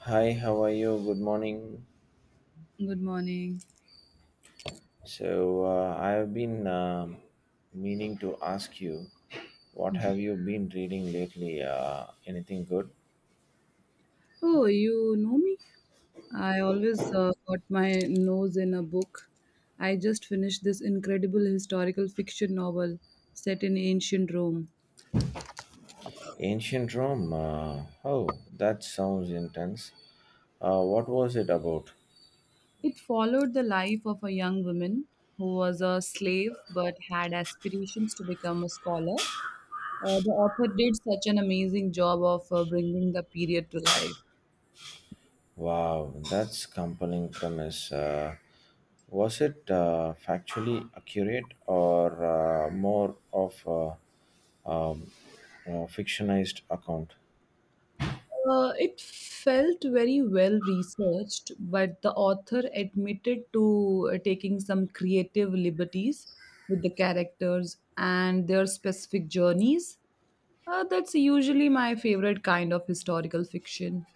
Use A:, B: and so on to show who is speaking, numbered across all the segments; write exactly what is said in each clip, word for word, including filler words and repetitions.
A: Hi, how are you? Good morning.
B: Good morning.
A: So, uh, I have been um meaning to ask you, what have you been reading lately? Uh, anything good?
B: Oh, you know me? I always uh, got my nose in a book. I just finished this incredible historical fiction novel set in ancient Rome.
A: Ancient Rome. Uh, oh, that sounds intense. Uh, what was it about?
B: It followed the life of a young woman who was a slave but had aspirations to become a scholar. Uh, the author did such an amazing job of uh, bringing the period to life.
A: Wow, that's compelling premise. Uh, was it uh, factually accurate or uh, more of a, um, a fictionized account?
B: Uh, it felt very well researched, but the author admitted to uh, taking some creative liberties with the characters and their specific journeys. Uh, that's usually my favorite kind of historical fiction.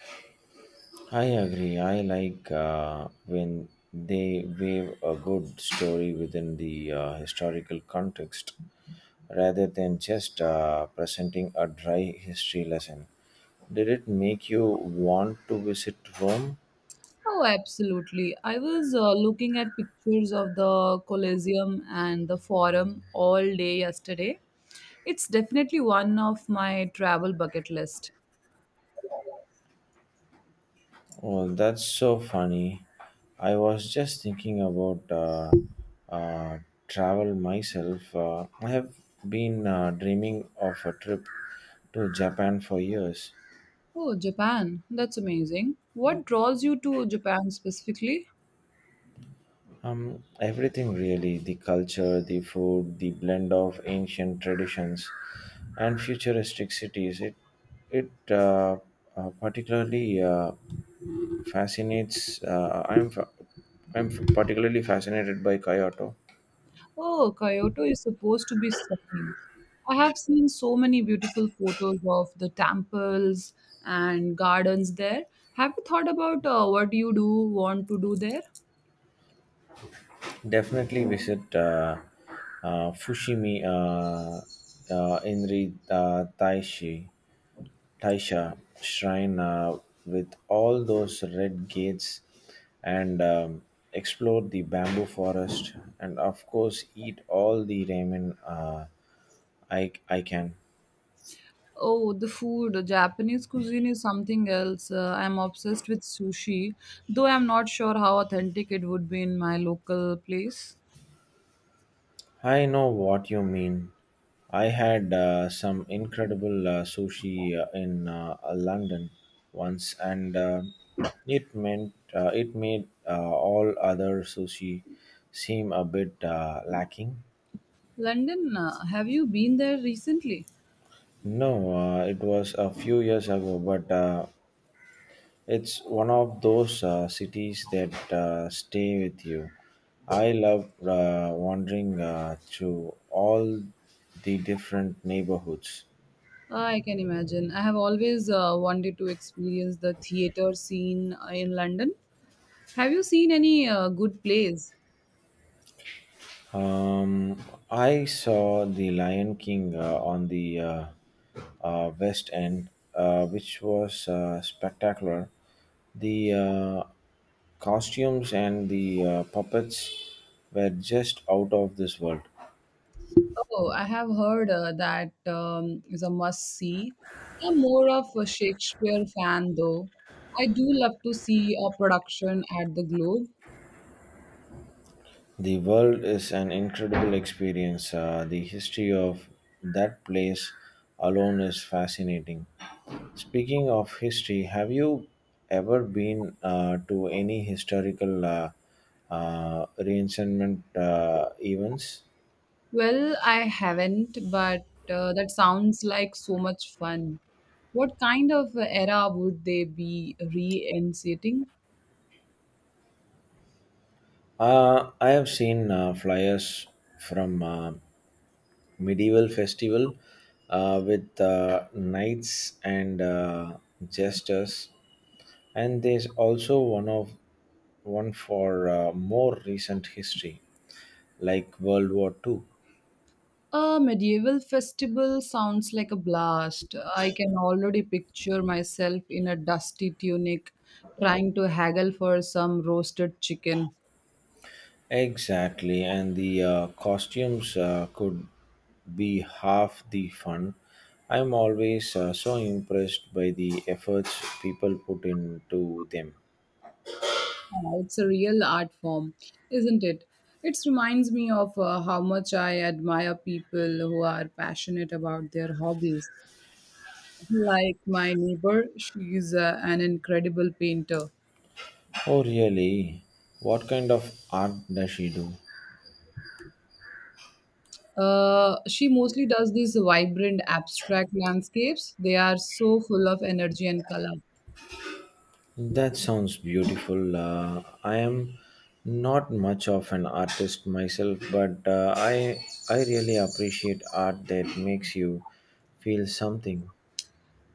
A: I agree. I like uh, when they weave a good story within the uh, historical context rather than just uh, presenting a dry history lesson. Did it make you want to visit Rome?
B: Oh, absolutely. I was uh, looking at pictures of the Colosseum and the Forum all day yesterday. It's definitely one of my travel bucket list.
A: Oh, that's so funny. I was just thinking about uh, uh, travel myself. Uh, I have been uh, dreaming of a trip to Japan for years.
B: Oh, Japan. That's amazing. What draws you to Japan specifically?
A: Um, everything really the culture, the food, the blend of ancient traditions and futuristic cities. It, it uh, uh, particularly uh, fascinates. Uh, I'm, fa- I'm particularly fascinated by Kyoto.
B: Oh, Kyoto is supposed to be stunning. I have seen so many beautiful photos of the temples and gardens there. Have you thought about uh, what you do want to do there?
A: Definitely visit uh, uh, Fushimi uh, uh, Inri uh, Taishi. Taisha shrine uh, with all those red gates and um, explore the bamboo forest and of course eat all the ramen uh, I, I can.
B: Oh, the food. The Japanese cuisine is something else. Uh, I'm obsessed with sushi, though I'm not sure how authentic it would be in my local place.
A: I know what you mean. I had uh, some incredible uh, sushi uh, in uh, London once and uh, it meant uh, it made uh, all other sushi seem a bit uh, lacking.
B: London, uh, have you been there recently?
A: No, uh, it was a few years ago, but uh, it's one of those uh, cities that uh, stay with you. I love uh, wandering uh, through all the different neighborhoods.
B: I can imagine. I have always uh, wanted to experience the theater scene uh, in London. Have you seen any uh, good plays?
A: Um, I saw The Lion King uh, on the uh, uh, West End, uh, which was uh, spectacular. The uh, costumes and the uh, puppets were just out of this world.
B: Oh, I have heard uh, that um, is a must see. I'm more of a Shakespeare fan though. I do love to see a production at the Globe.
A: The world is an incredible experience. Uh, the history of that place alone is fascinating. Speaking of history, have you ever been uh, to any historical uh, uh, reenactment uh, events?
B: Well, I haven't, but uh, that sounds like so much fun. What kind of era would they be reinstating?
A: Uh, I have seen uh, flyers from uh, medieval festival uh, with uh, knights and uh, jesters. And there's also one of one for uh, more recent history, like World War Two.
B: A medieval festival sounds like a blast. I can already picture myself in a dusty tunic trying to haggle for some roasted chicken.
A: Exactly, and the uh, costumes uh, could be half the fun. I'm always uh, so impressed by the efforts people put into them.
B: Ah, it's a real art form, isn't it? It reminds me of uh, how much I admire people who are passionate about their hobbies. Like my neighbor, she's uh, an incredible painter.
A: Oh, really? What kind of art does she do?
B: Uh, she mostly does these vibrant abstract landscapes. They are so full of energy and color.
A: That sounds beautiful. Uh, I am not much of an artist myself, but uh, I I really appreciate art that makes you feel something.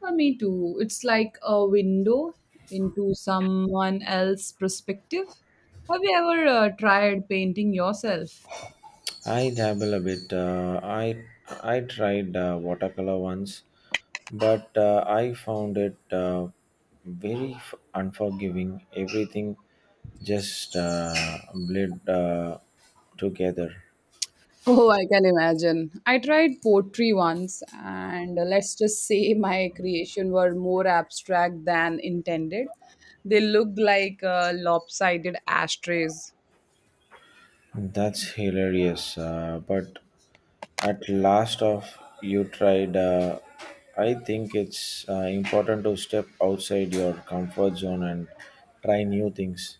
B: Uh, me too. It's like a window into someone else's perspective. Have you ever uh, tried painting yourself?
A: I dabble a bit. Uh, I I tried uh, watercolor once, but uh, I found it uh, very f- unforgiving. Everything just uh, bled uh, together.
B: Oh, I can imagine. I tried poetry once, and uh, let's just say my creation were more abstract than intended. They looked like uh, lopsided ashtrays.
A: That's hilarious, uh, but at last of you tried, uh, I think it's uh, important to step outside your comfort zone and try new things.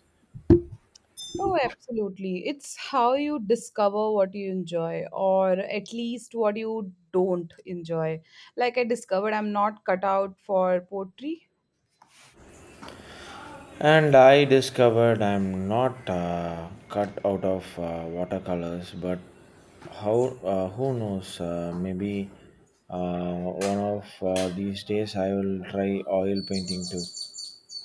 B: Oh, absolutely. It's how you discover what you enjoy, or at least what you don't enjoy. Like I discovered I'm not cut out for poetry.
A: And I discovered I'm not uh, cut out of uh, watercolors, but how? Uh, who knows? Uh, maybe uh, one of uh, these days I will try oil painting too.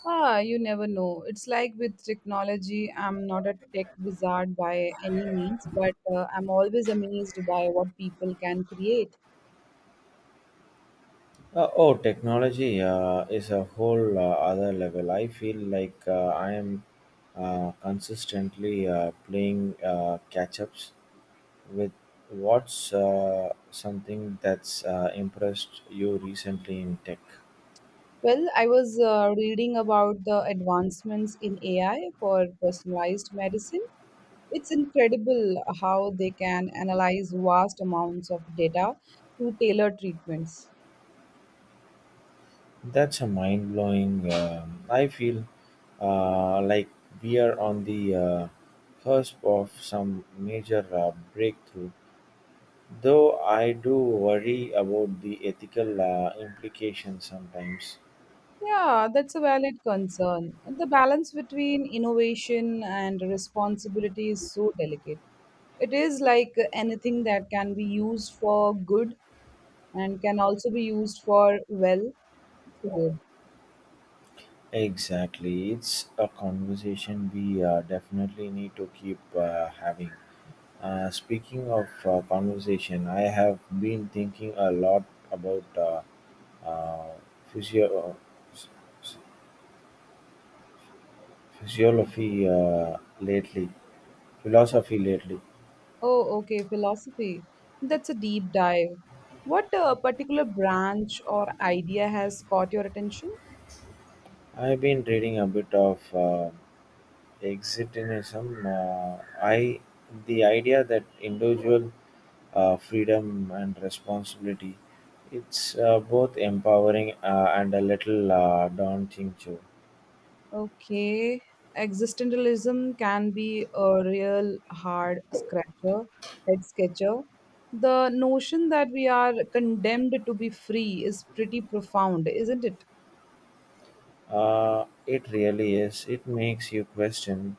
B: Ah, you never know. It's like with technology, I'm not a tech wizard by any means, but uh, I'm always amazed by what people can create.
A: Uh, oh, technology uh, is a whole uh, other level. I feel like uh, I am uh, consistently uh, playing uh, catch ups with what's uh, something that's uh, impressed you recently in tech.
B: Well, I was uh, reading about the advancements in A I for personalized medicine. It's incredible how they can analyze vast amounts of data to tailor treatments.
A: That's a mind blowing. um I feel uh, like we are on the uh, cusp of some major uh, breakthrough. Though I do worry about the ethical uh, implications sometimes.
B: Yeah, that's a valid concern. The balance between innovation and responsibility is so delicate. It is like anything that can be used for good and can also be used for, well, good.
A: Exactly. It's a conversation we uh, definitely need to keep uh, having. Uh, speaking of uh, conversation, I have been thinking a lot about uh, uh, physio- uh, physiology uh, lately, philosophy lately.
B: Oh, okay, philosophy. That's a deep dive. What uh, particular branch or idea has caught your attention?
A: I've been reading a bit of uh, existentialism, uh, I the idea that individual uh, freedom and responsibility, it's uh, both empowering uh, and a little uh, daunting too.
B: Okay. Existentialism can be a real hard scratcher, head sketcher. The notion that we are condemned to be free is pretty profound, isn't it?
A: Uh, it really is. It makes you question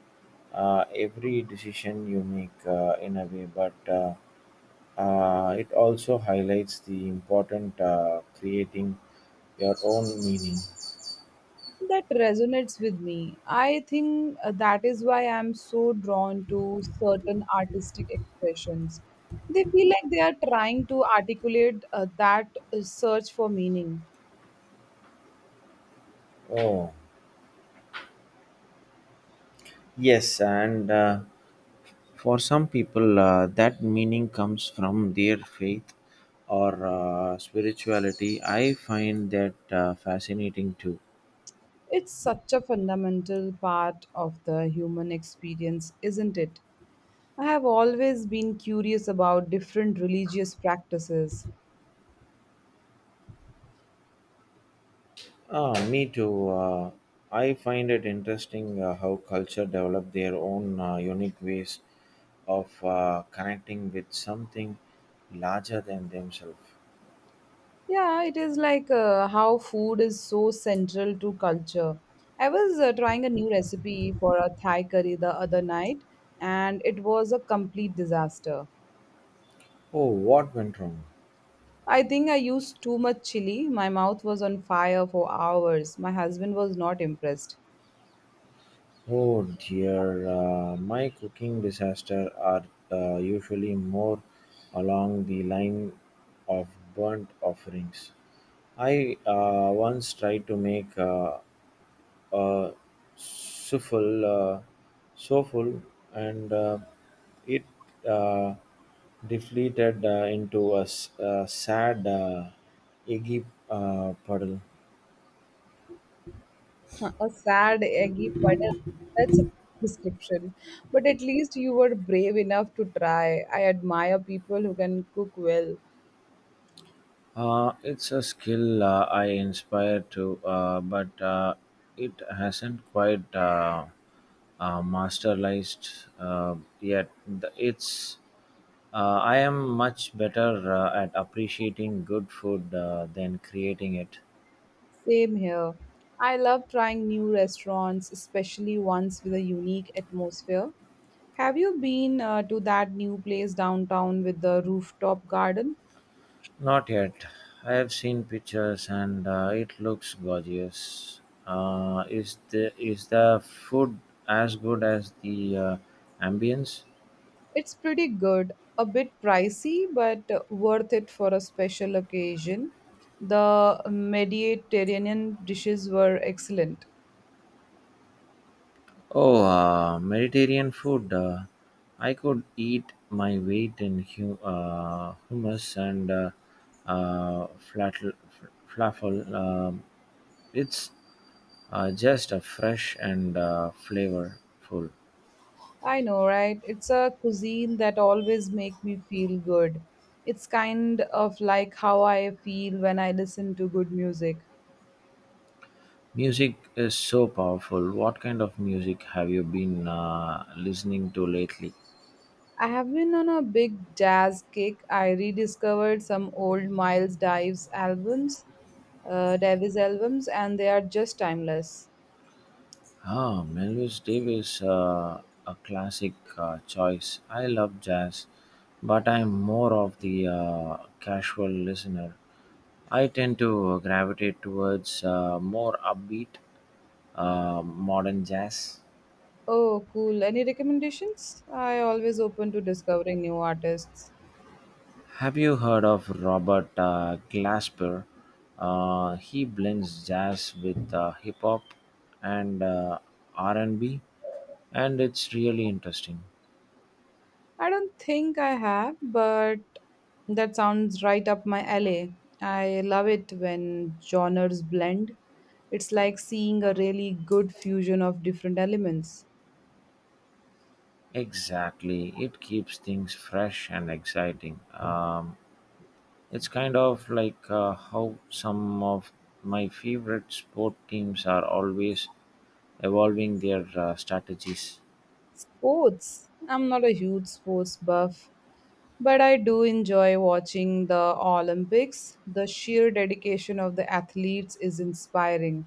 A: uh, every decision you make uh, in a way, but uh, uh, it also highlights the important uh, creating your own meaning.
B: That resonates with me. I think uh, that is why I'm so drawn to certain artistic expressions. They feel like they are trying to articulate uh, that uh, search for meaning.
A: Oh. Yes, and uh, for some people, uh, that meaning comes from their faith or uh, spirituality. I find that uh, fascinating too.
B: It's such a fundamental part of the human experience, isn't it? I have always been curious about different religious practices.
A: Ah, me too. Uh, I find it interesting uh, how culture develop their own uh, unique ways of uh, connecting with something larger than themselves.
B: Yeah, it is like uh, how food is so central to culture. I was uh, trying a new recipe for a Thai curry the other night, and it was a complete disaster.
A: Oh, what went wrong?
B: I think I used too much chili. My mouth was on fire for hours. My husband was not impressed.
A: Oh dear, uh, my cooking disaster are uh, usually more along the line of burnt offerings. I uh, once tried to make uh, a souffle, uh, souffle and uh, it uh, deflated uh, into a, s- a sad uh, eggy uh, puddle.
B: Uh, A sad, eggy puddle. That's a great description. But at least you were brave enough to try. I admire people who can cook well.
A: Uh, it's a skill uh, I inspire to, uh, but uh, it hasn't quite uh, uh, masterized uh, yet. The- It's uh, I am much better uh, at appreciating good food uh, than creating it.
B: Same here. I love trying new restaurants, especially ones with a unique atmosphere. Have you been uh, to that new place downtown with the rooftop garden?
A: Not yet. I have seen pictures and uh, it looks gorgeous. Uh, is the is the food as good as the uh, ambience?
B: It's pretty good. A bit pricey, but uh, worth it for a special occasion. The Mediterranean dishes were excellent.
A: Oh, uh, Mediterranean food. Uh, I could eat my weight in hu- uh, hummus and uh, uh, flatl- f- falafel. Um it's uh, just a fresh and uh, flavorful.
B: I know, right? It's a cuisine that always make me feel good. It's kind of like how I feel when I listen to good music.
A: Music is so powerful. What kind of music have you been uh, listening to lately?
B: I have been on a big jazz kick. I rediscovered some old Miles Davis albums, uh, Davis albums, and they are just timeless.
A: Ah, Miles Davis, uh, a classic uh, choice. I love jazz, but I'm more of the uh, casual listener. I tend to gravitate towards uh, more upbeat uh, modern jazz.
B: Oh, cool. Any recommendations? I always open to discovering new artists.
A: Have you heard of Robert uh, Glasper? Uh, he blends jazz with uh, hip hop and uh, R and B, and B, and it's really interesting.
B: I don't think I have, but that sounds right up my alley. I love it when genres blend. It's like seeing a really good fusion of different elements.
A: Exactly. It keeps things fresh and exciting. Um, it's kind of like uh, how some of my favorite sport teams are always evolving their uh, strategies.
B: Sports. I'm not a huge sports buff, but I do enjoy watching the Olympics. The sheer dedication of the athletes is inspiring.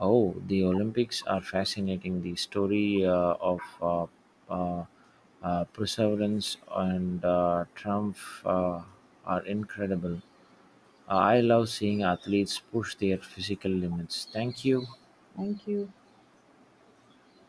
A: Oh, the Olympics are fascinating. The story uh, of uh, uh, uh, perseverance and uh, triumph uh, are incredible. I love seeing athletes push their physical limits. Thank you.
B: Thank you.